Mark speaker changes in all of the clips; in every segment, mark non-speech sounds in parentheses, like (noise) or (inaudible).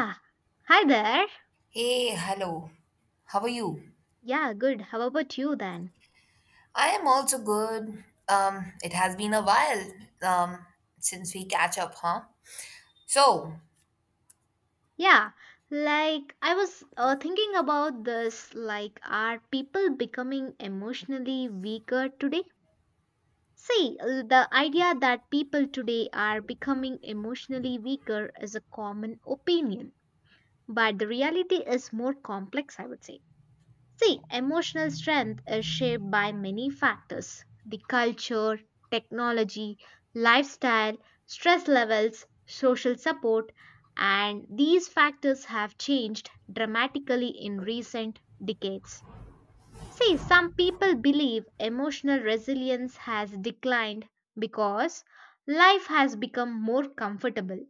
Speaker 1: Ah, hi there.
Speaker 2: Hey, hello. How are you?
Speaker 1: Yeah, good. How about you then?
Speaker 2: I am also good. It has been a while um since we catch up, huh? So,
Speaker 1: Yeah, like I was thinking about this, Are people becoming emotionally weaker today? See, the idea that people today are becoming emotionally weaker is a common opinion, but the reality is more complex, I would say. See, emotional strength is shaped by many factors: the culture, technology, lifestyle, stress levels, social support, and these factors have changed dramatically in recent decades. See, some people believe emotional resilience has declined because life has become more comfortable.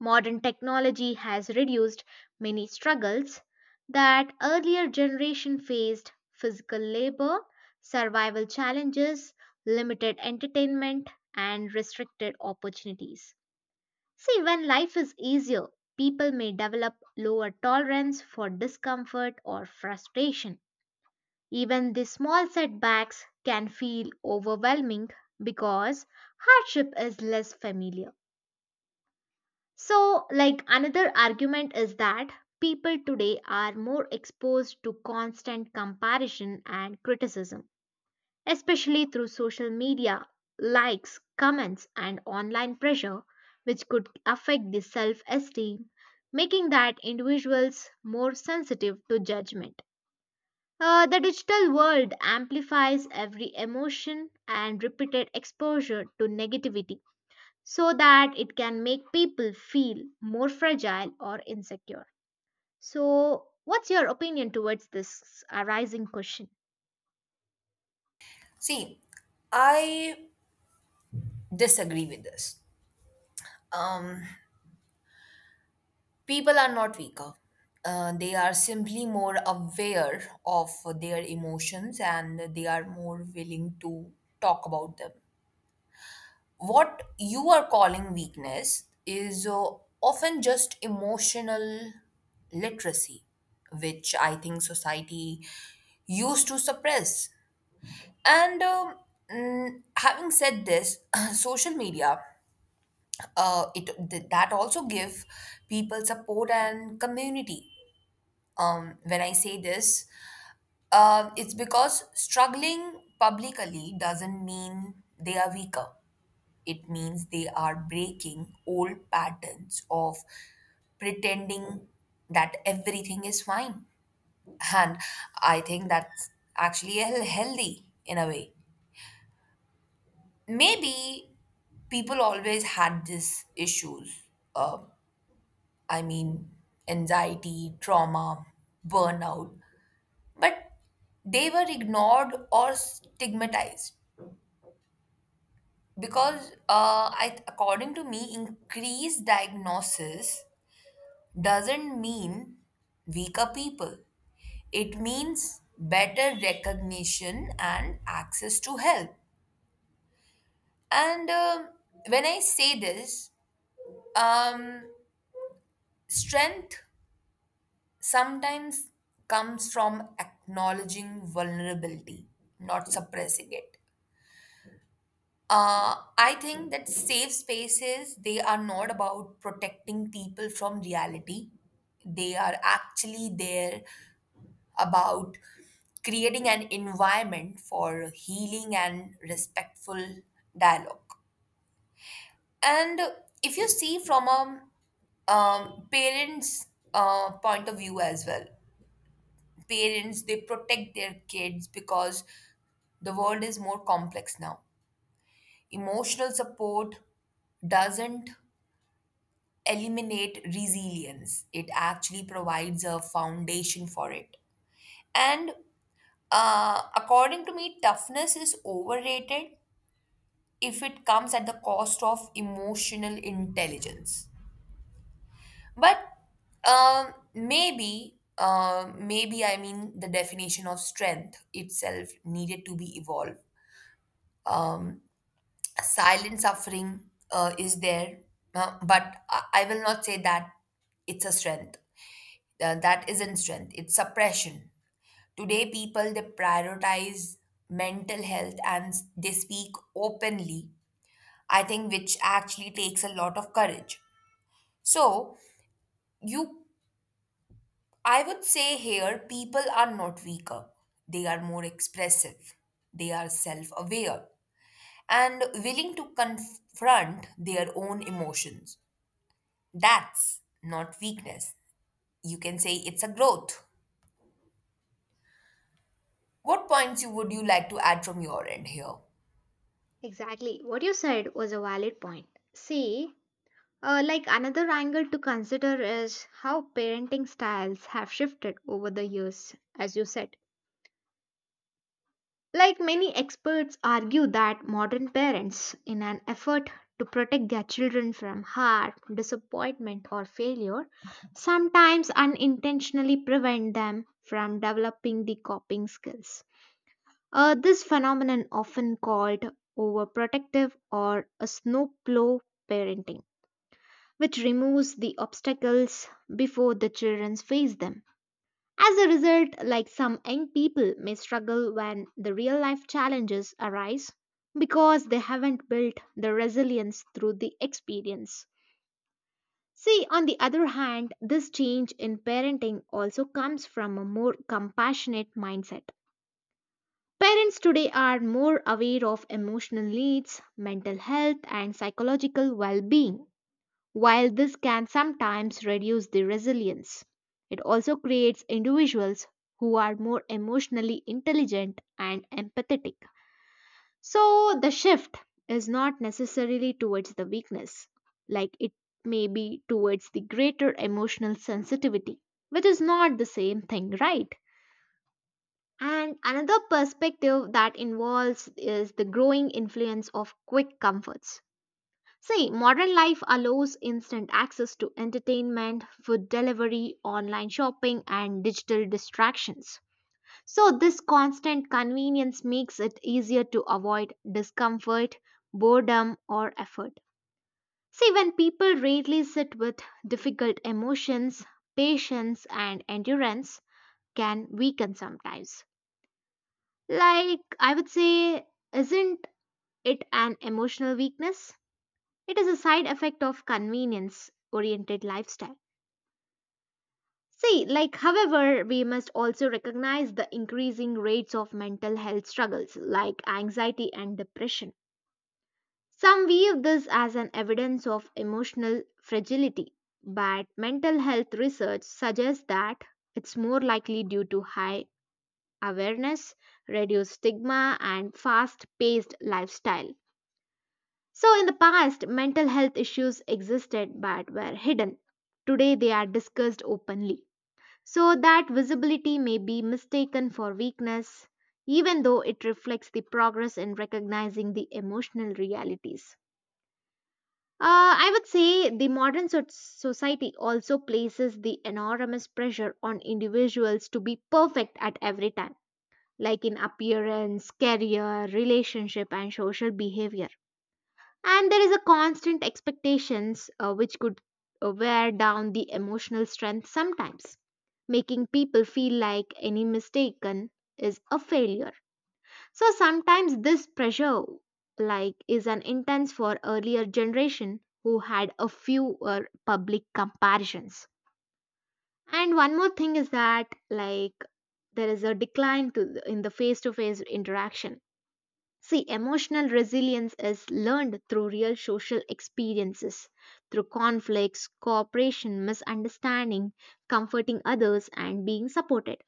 Speaker 1: Modern technology has reduced many struggles that earlier generation faced: physical labor, survival challenges, limited entertainment and restricted opportunities. See, when life is easier, people may develop lower tolerance for discomfort or frustration. Even the small setbacks can feel overwhelming because hardship is less familiar. So, like, another argument is that people today are more exposed to constant comparison and criticism, especially through social media, likes, comments, and online pressure, which could affect the self esteem, making that individuals more sensitive to judgment. The digital world amplifies every emotion and repeated exposure to negativity so that it can make people feel more fragile or insecure. So, what's your opinion towards this arising question?
Speaker 2: see, I disagree with this. People are not weaker. They are simply more aware of their emotions and they are more willing to talk about them. What you are calling weakness is often just emotional literacy, which I think society used to suppress. And having said this, (clears throat) social media, that also give people support and community. When I say this, it's because struggling publicly doesn't mean they are weaker. It means they are breaking old patterns of pretending that everything is fine. And I think that's actually healthy in a way. Maybe people always had these issues. Uh, I mean, anxiety, trauma, burnout. But they were ignored or stigmatized because according to me increased diagnosis doesn't mean weaker people. It means better recognition and access to help. And when I say this, um, strength sometimes comes from acknowledging vulnerability, not suppressing it. I think that safe spaces they are not about protecting people from reality. They are actually there about creating an environment for healing and respectful dialogue. And if you see from a parents' point of view as well, parents they protect their kids because the world is more complex now. Emotional support doesn't eliminate resilience; it actually provides a foundation for it. And According to me, toughness is overrated if it comes at the cost of emotional intelligence. But maybe I mean the definition of strength itself needed to be evolved. Um, Silent suffering is there, but I will not say that it's a strength. That isn't strength, it's suppression. Today, people they prioritize mental health and they speak openly, I think, which actually takes a lot of courage. So, you, I would say here, people are not weaker, they are more expressive, they are self aware, and willing to confront their own emotions. That's not weakness. You can say it's a growth. What points you would you like to add from your end here?
Speaker 1: Exactly. What you said was a valid point. See, like another angle to consider is how parenting styles have shifted over the years, as you said. Like, many experts argue that modern parents, in an effort to protect their children from harm, disappointment, or failure, sometimes unintentionally prevent them from developing the coping skills. This phenomenon often called overprotective or a snowplow parenting, which removes the obstacles before the children face them. As a result, like, some young people may struggle when the real life challenges arise because they haven't built the resilience through the experience. See, on the other hand, this change in parenting also comes from a more compassionate mindset. Parents today are more aware of emotional needs, mental health, and psychological well being. While this can sometimes reduce the resilience, it also creates individuals who are more emotionally intelligent and empathetic. So the shift is not necessarily towards the weakness, like it may be towards the greater emotional sensitivity, which is not the same thing, right? And another perspective that involves is the growing influence of quick comforts. See, modern life allows instant access to entertainment, food delivery, online shopping, and digital distractions. So, this constant convenience makes it easier to avoid discomfort, boredom, or effort. See, when people rarely sit with difficult emotions, patience and endurance can weaken sometimes. Like, I would say, isn't it an emotional weakness? It is a side effect of convenience oriented lifestyle. See, like, however, we must also recognize the increasing rates of mental health struggles like anxiety and depression. Some view this as an evidence of emotional fragility, but mental health research suggests that it's more likely due to high awareness, reduced stigma, and fast paced lifestyle. So, in the past, mental health issues existed but were hidden. Today, they are discussed openly. So, that visibility may be mistaken for weakness, even though it reflects the progress in recognizing the emotional realities. I would say the modern society also places the enormous pressure on individuals to be perfect at every time, like in appearance, career, relationship, and social behavior, and there is a constant expectations which could wear down the emotional strength sometimes, making people feel like any mistaken is a failure. So sometimes this pressure like is an intense for earlier generation who had a fewer public comparisons. And one more thing is that, like, there is a decline in the face to face interaction. See, emotional resilience is learned through real social experiences, through conflicts, cooperation, misunderstanding, comforting others, and being supported.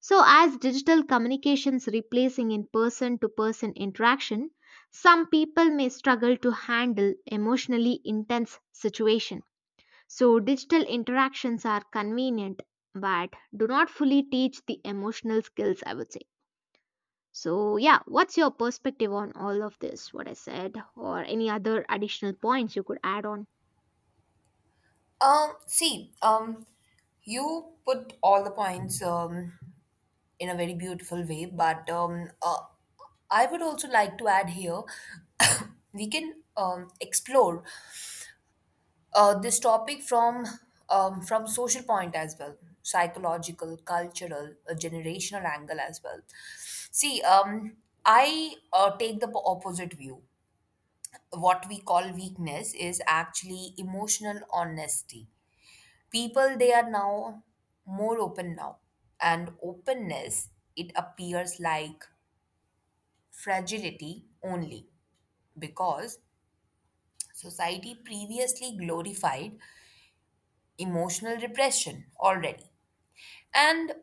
Speaker 1: So, as digital communications replacing in person to person interaction, some people may struggle to handle emotionally intense situation. So, digital interactions are convenient but do not fully teach the emotional skills, I would say. So, yeah, what's your perspective on all of this, what I said, or any other additional points you could add on?
Speaker 2: See, you put all the points in a very beautiful way, but I would also like to add here (coughs) we can explore this topic from social point as well, psychological, cultural, generational angle as well. See, I take the opposite view. What we call weakness is actually emotional honesty. People they are now more open now, and openness it appears like fragility only because society previously glorified emotional repression already. And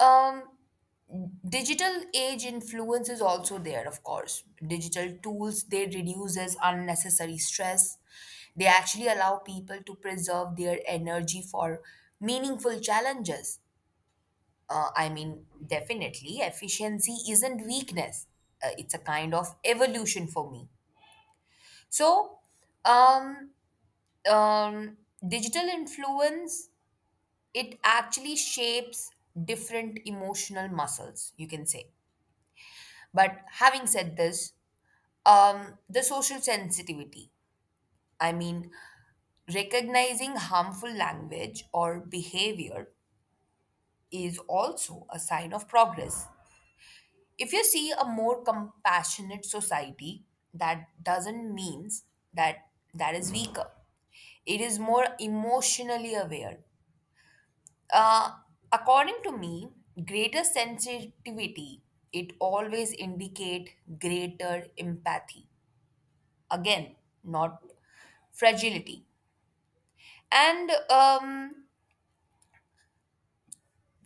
Speaker 2: um digital age influence is also there, of course. Digital tools they reduces unnecessary stress, they actually allow people to preserve their energy for meaningful challenges. I mean, definitely, efficiency isn't weakness. It's a kind of evolution for me. So, um, um, digital influence, it actually shapes different emotional muscles, you can say. But having said this, the social sensitivity, I mean, recognizing harmful language or behavior is also a sign of progress. If you see a more compassionate society, that doesn't means that that is weaker, it is more emotionally aware. uh, According to me, greater sensitivity it always indicate greater empathy, again, not fragility. And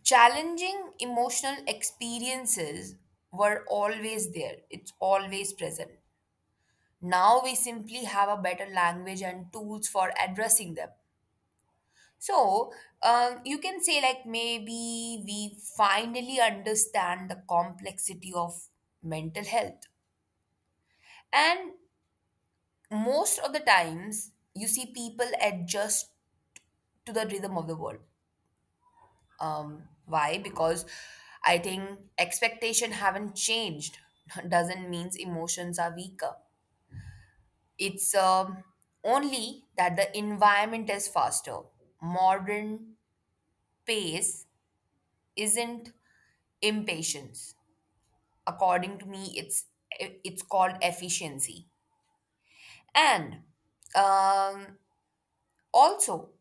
Speaker 2: challenging emotional experiences were always there, it's always present. Now we simply have a better language and tools for addressing them. So you can say, like, maybe we finally understand the complexity of mental health. And most of the times, you see people adjust to the rhythm of the world. Why? Because I think expectation haven't changed. (laughs) Doesn't means emotions are weaker. It's only that the environment is faster. Modern pace isn't impatience. According to me, it's called efficiency. And um, also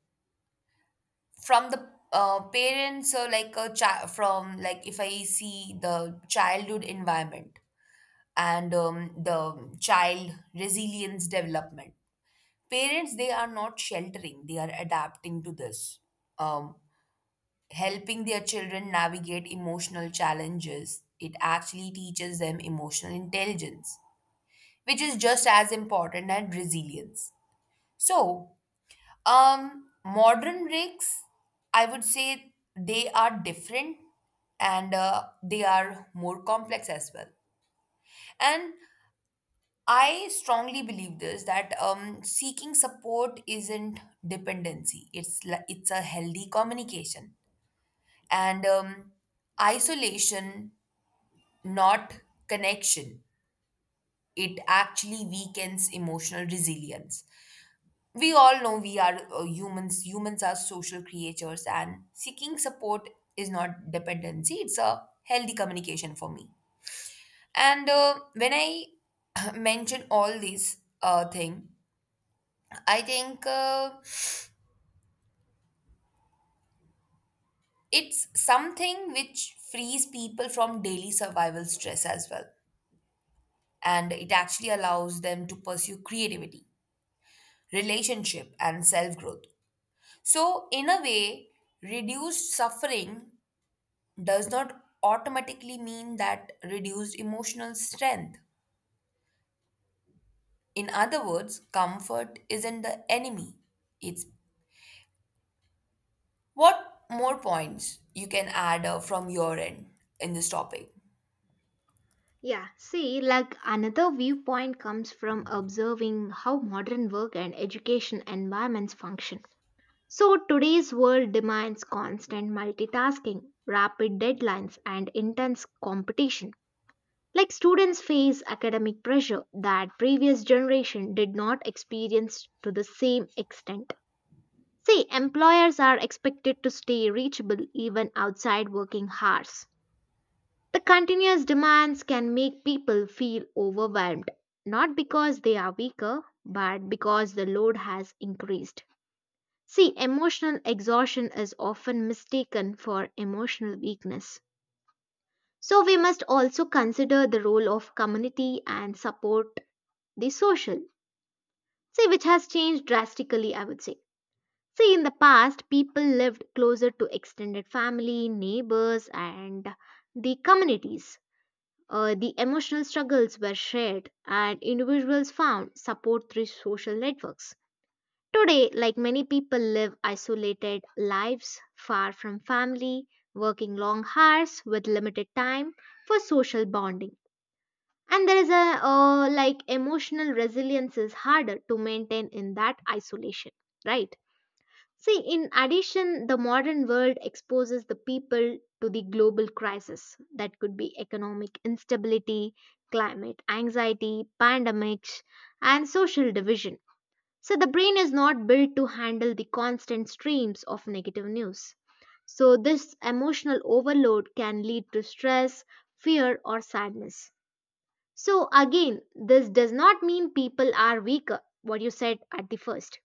Speaker 2: from the parents or like a child from like if I see the childhood environment and the child resilience development, parents they are not sheltering; they are adapting to this. Um, Helping their children navigate emotional challenges, it actually teaches them emotional intelligence, which is just as important as resilience. So, modern breaks, I would say they are different, and they are more complex as well. And I strongly believe this that seeking support isn't dependency. It's a healthy communication, and isolation not connection. It actually weakens emotional resilience. We all know we are humans, humans are social creatures, and seeking support is not dependency, it's a healthy communication for me. And when I (laughs) (clears throat) mention all these thing, I think it's something which frees people from daily survival stress as well. And it actually allows them to pursue creativity, relationship, and self growth. So, in a way, reduced suffering does not automatically mean that reduced emotional strength. In other words, comfort isn't the enemy. It's what more points you can add from your end in this topic.
Speaker 1: Yeah, see, like another viewpoint comes from observing how modern work and education environments function. So, today's world demands constant multitasking, rapid deadlines, and intense competition. Like, students face academic pressure that previous generation did not experience to the same extent. See, employers are expected to stay reachable even outside working hours. The continuous demands can make people feel overwhelmed, not because they are weaker, but because the load has increased. See, emotional exhaustion is often mistaken for emotional weakness. So, we must also consider the role of community and support, the social, see, which has changed drastically, I would say. See, in the past, people lived closer to extended family, neighbors, and the communities. The emotional struggles were shared, and individuals found support through social networks. Today, like, many people live isolated lives far from family, working long hours with limited time for social bonding. And there is a like, emotional resilience is harder to maintain in that isolation, right? See, in addition, the modern world exposes the people to the global crisis that could be economic instability, climate anxiety, pandemics, and social division. So, the brain is not built to handle the constant streams of negative news. So, this emotional overload can lead to stress, fear, or sadness. So, again, this does not mean people are weaker, what you said at the first,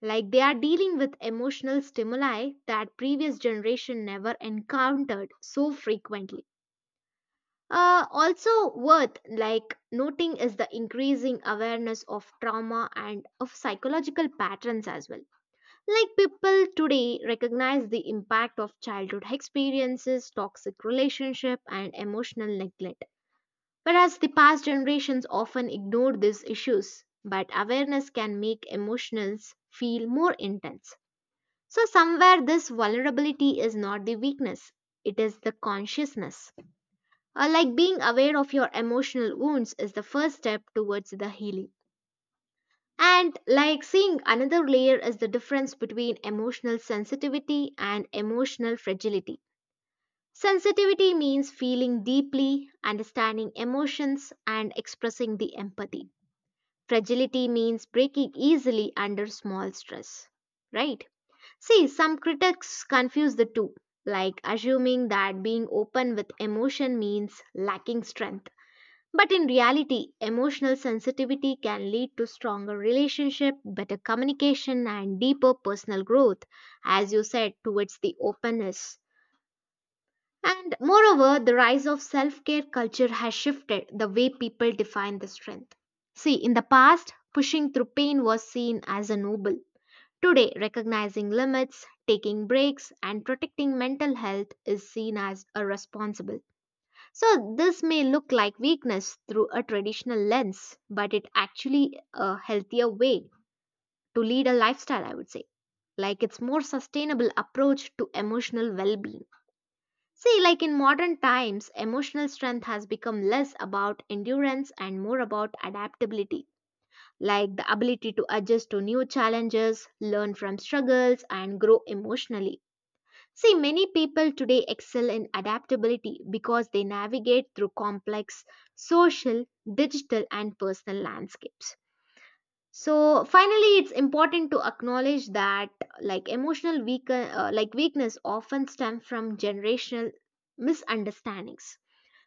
Speaker 1: like they are dealing with emotional stimuli that previous generation never encountered so frequently. Also worth like noting is the increasing awareness of trauma and of psychological patterns as well. Like, people today recognize the impact of childhood experiences, toxic relationship, and emotional neglect. Whereas the past generations often ignored these issues, but awareness can make emotions feel more intense. So, somewhere this vulnerability is not the weakness, it is the consciousness. Like being aware of your emotional wounds is the first step towards the healing. And like, seeing another layer is the difference between emotional sensitivity and emotional fragility. Sensitivity means feeling deeply, understanding emotions, and expressing the empathy. Fragility means breaking easily under small stress, right? See, some critics confuse the two, like assuming that being open with emotion means lacking strength. But in reality, emotional sensitivity can lead to stronger relationship, better communication and deeper personal growth, as you said towards the openness. And moreover, the rise of self-care culture has shifted the way people define the strength. See, in the past, pushing through pain was seen as a noble. Today, recognizing limits, taking breaks, and protecting mental health is seen as irresponsible. So, this may look like weakness through a traditional lens, but it actually a healthier way to lead a lifestyle, I would say. Like, it's more sustainable approach to emotional well-being. See, like, in modern times, emotional strength has become less about endurance and more about adaptability, like the ability to adjust to new challenges, learn from struggles, and grow emotionally. See, many people today excel in adaptability because they navigate through complex social, digital, and personal landscapes. So, finally, it's important to acknowledge that like emotional like weakness often stem from generational misunderstandings.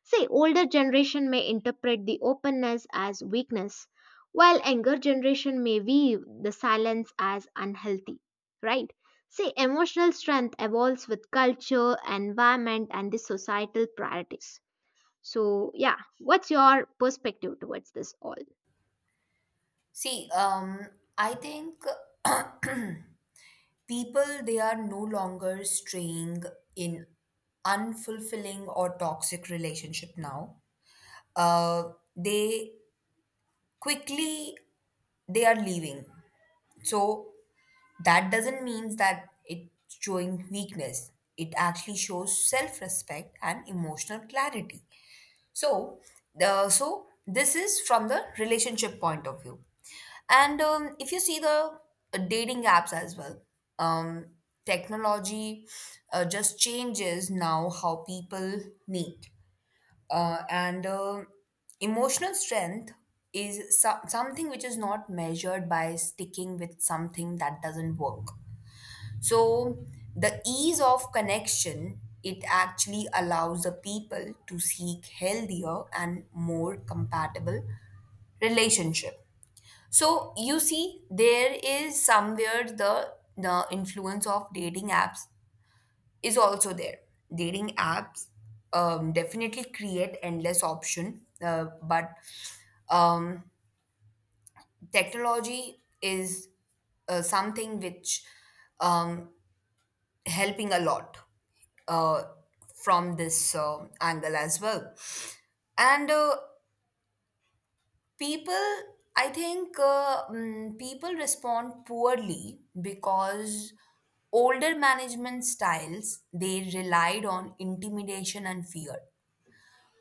Speaker 1: See, older generation may interpret the openness as weakness, while younger generation may view the silence as unhealthy, right? See, emotional strength evolves with culture, environment, and the societal priorities. So, yeah, what's your perspective towards this all?
Speaker 2: See, I think (clears throat) people they are no longer straying in unfulfilling or toxic relationship now. They quickly they are leaving. So that doesn't mean that it's showing weakness. It actually shows self-respect and emotional clarity. So so this is from the relationship point of view. And if you see the dating apps as well, um, technology just changes now how people meet, and emotional strength is something which is not measured by sticking with something that doesn't work. So the ease of connection it actually allows the people to seek healthier and more compatible relationship. So you see there is somewhere the influence of dating apps is also there. Dating apps definitely create endless option, but um, technology is something which um, helping a lot uh, from this angle as well. And people, I think people respond poorly because older management styles they relied on intimidation and fear,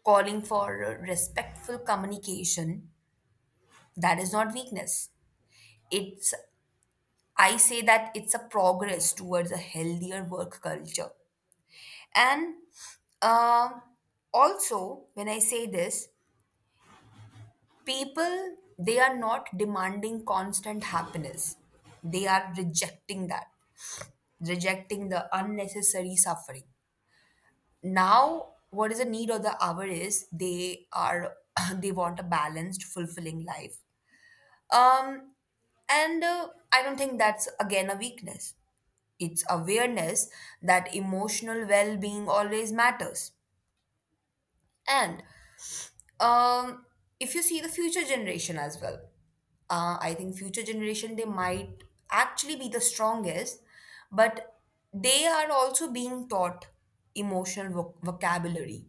Speaker 2: calling for respectful communication, that is not weakness. It's I say that it's a progress towards a healthier work culture. And um also, when I say this, people they are not demanding constant happiness. They are rejecting that, rejecting the unnecessary suffering. Now, what is the need of the hour is they are (laughs) (clears throat) they want a balanced, fulfilling life. Um, and I don't think that's again a weakness. It's awareness that emotional well being always matters. And um, if you see the future generation as well, I think future generation they might actually be the strongest, but they are also being taught emotional vocabulary,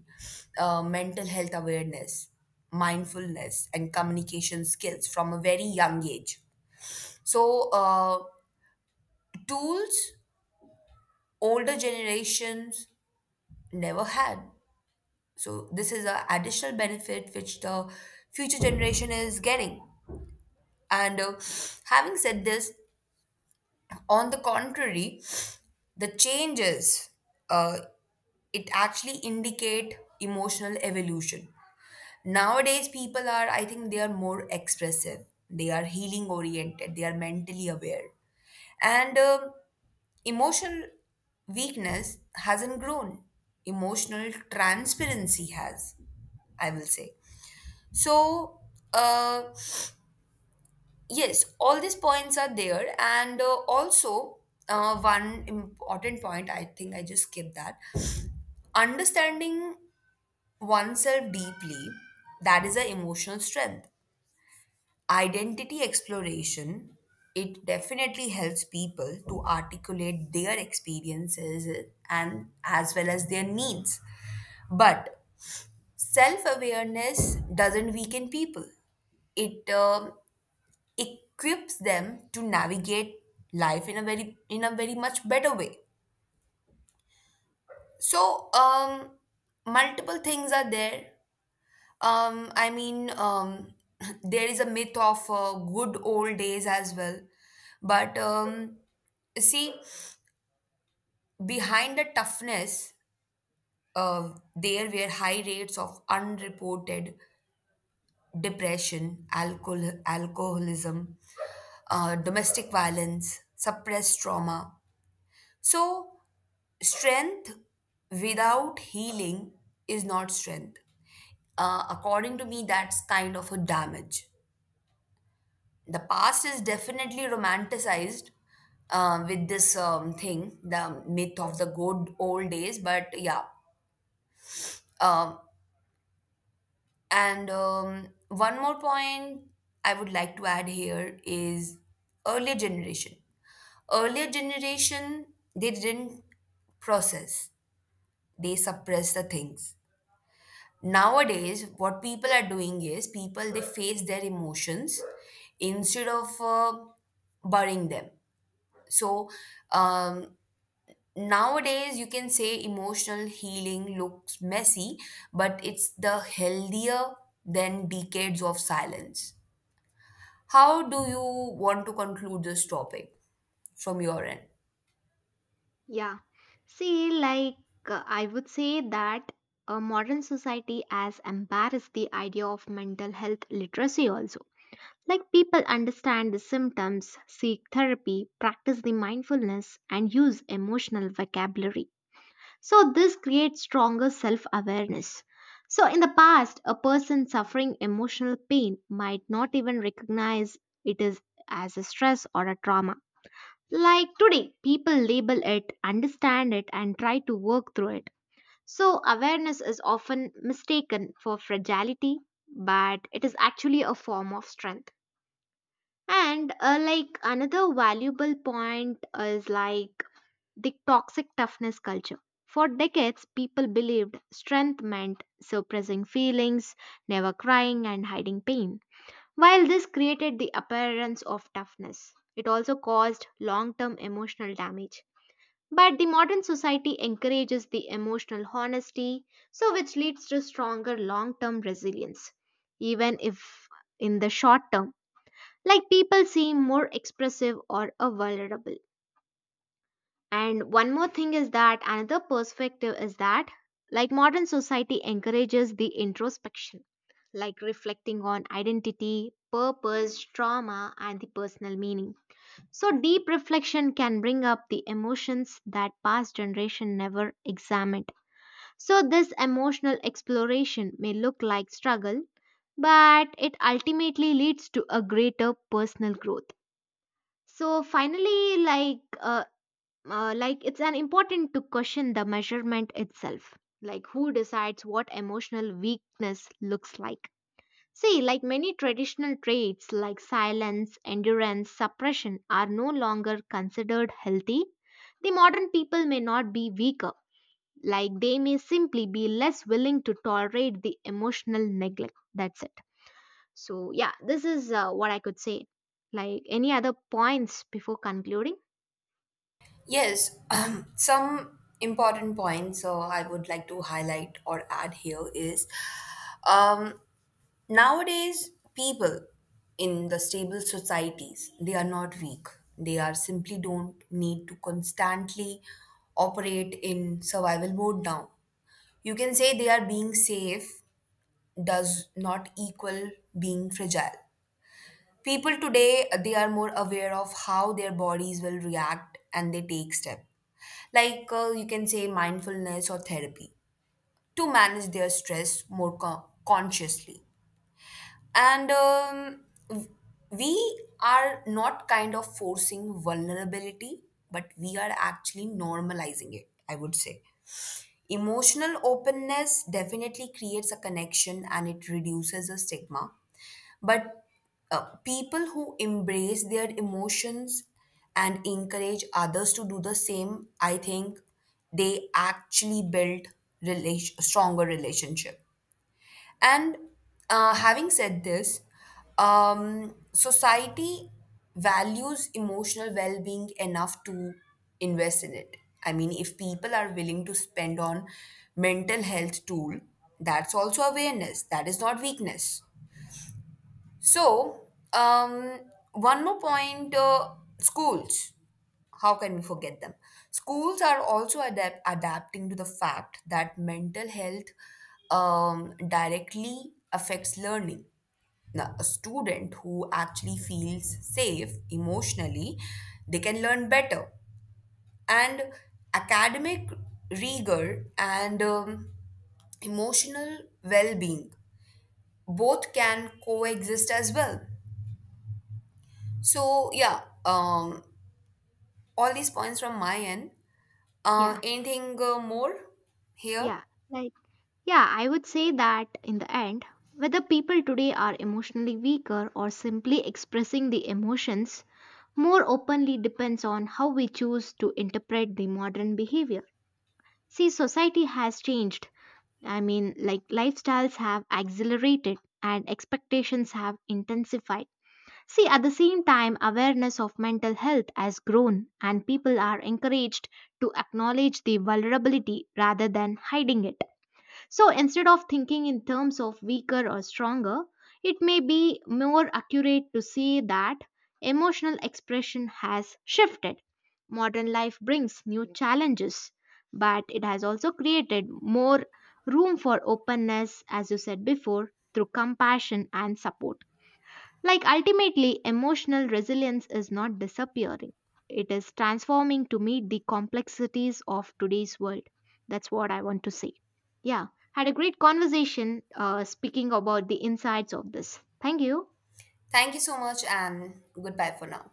Speaker 2: mental health awareness, mindfulness, and communication skills from a very young age. So, tools older generations never had. So, this is an additional benefit which the future generation is getting. And having said this, on the contrary, the changes uh, it actually indicate emotional evolution. Nowadays, people are, I think, they are more expressive. They are healing oriented. They are mentally aware, and emotional weakness hasn't grown. Emotional transparency has, I will say. So, uh, yes, all these points are there. And also, one important point, I think I just skipped that. Understanding oneself deeply, that is an emotional strength. Identity exploration it definitely helps people to articulate their experiences and as well as their needs, but self-awareness doesn't weaken people, it equips them to navigate life in a very much better way. So multiple things are there. I mean, (clears throat) there is a myth of good old days as well. But see, behind the toughness, there were high rates of unreported depression, alcoholism, domestic violence, suppressed trauma. So, strength without healing is not strength. According to me, that's kind of a damage. The past is definitely romanticized with this thing, the myth of the good old days. But yeah, um, and one more point I would like to add here is earlier generation. Earlier generation, they didn't process; they suppress the things. Nowadays, what people are doing is people they face their emotions instead of burying them. So um, nowadays, you can say emotional healing looks messy, but it's the healthier than decades of silence. How do you want to conclude this topic from your end?
Speaker 1: Yeah. See, like, I would say that a modern society has embarrassed the idea of mental health literacy also. Like, people understand the symptoms, seek therapy, practice the mindfulness, and use emotional vocabulary. So, this creates stronger self awareness. So, in the past, a person suffering emotional pain might not even recognize it is as a stress or a trauma. Like, today, people label it, understand it, and try to work through it. So, awareness is often mistaken for fragility, but it is actually a form of strength. And Like, another valuable point is like the toxic toughness culture. For decades, people believed strength meant suppressing feelings, never crying, and hiding pain. While this created the appearance of toughness, it also caused long term emotional damage. But the modern society encourages the emotional honesty, so which leads to stronger long term resilience, even if in the short term like people seem more expressive or vulnerable. And one more thing is that another perspective is that like modern society encourages the introspection, like reflecting on identity, purpose, trauma and the personal meaning. So deep reflection can bring up the emotions that past generation never examined, so this emotional exploration may look like struggle, but it ultimately leads to a greater personal growth. So finally, like it's an important to question the measurement itself. Like, who decides what emotional weakness looks like? See, like, many traditional traits like silence, endurance, suppression are no longer considered healthy. The modern people may not be weaker, like they may simply be less willing to tolerate the emotional neglect. That's it. So, yeah, this is what I could say. Like, any other points before concluding?
Speaker 2: Yes, (clears throat) some important points I would like to highlight or add here is um, nowadays, people in the stable societies, they are not weak. They are simply don't need to constantly operate in survival mode now. You can say they are being safe does not equal being fragile. People today, they are more aware of how their bodies will react and they take steps like you can say mindfulness or therapy to manage their stress more consciously. And w- we are not kind of forcing vulnerability, but we are actually normalizing it, I would say. Emotional openness definitely creates a connection and it reduces the stigma. But people who embrace their emotions and encourage others to do the same, I think they actually build stronger relationship. And having said this, society values emotional well being enough to invest in it. I mean, if people are willing to spend on mental health tool, that's also awareness. That is not weakness. So, um, one more point, schools. How can we forget them? Schools are also adapting to the fact that mental health directly affects learning. Now, a student who actually feels safe emotionally, they can learn better. And academic rigor and emotional well being both can coexist as well. So yeah, all these points from my end.
Speaker 1: Yeah,
Speaker 2: Anything more here?
Speaker 1: yeah. Like, yeah, I would say that in the end, whether people today are emotionally weaker or simply expressing the emotions more openly depends on how we choose to interpret the modern behavior. See, society has changed. I mean, like, lifestyles have accelerated and expectations have intensified. See, at the same time, awareness of mental health has grown and people are encouraged to acknowledge the vulnerability rather than hiding it. So instead of thinking in terms of weaker or stronger, it may be more accurate to say that emotional expression has shifted. Modern life brings new challenges, but it has also created more room for openness, as you said before, through compassion and support. Like, ultimately, emotional resilience is not disappearing, it is transforming to meet the complexities of today's world. That's what I want to say. Yeah, had a great conversation speaking about the insides of this. Thank you.
Speaker 2: Thank you so much, and goodbye for now.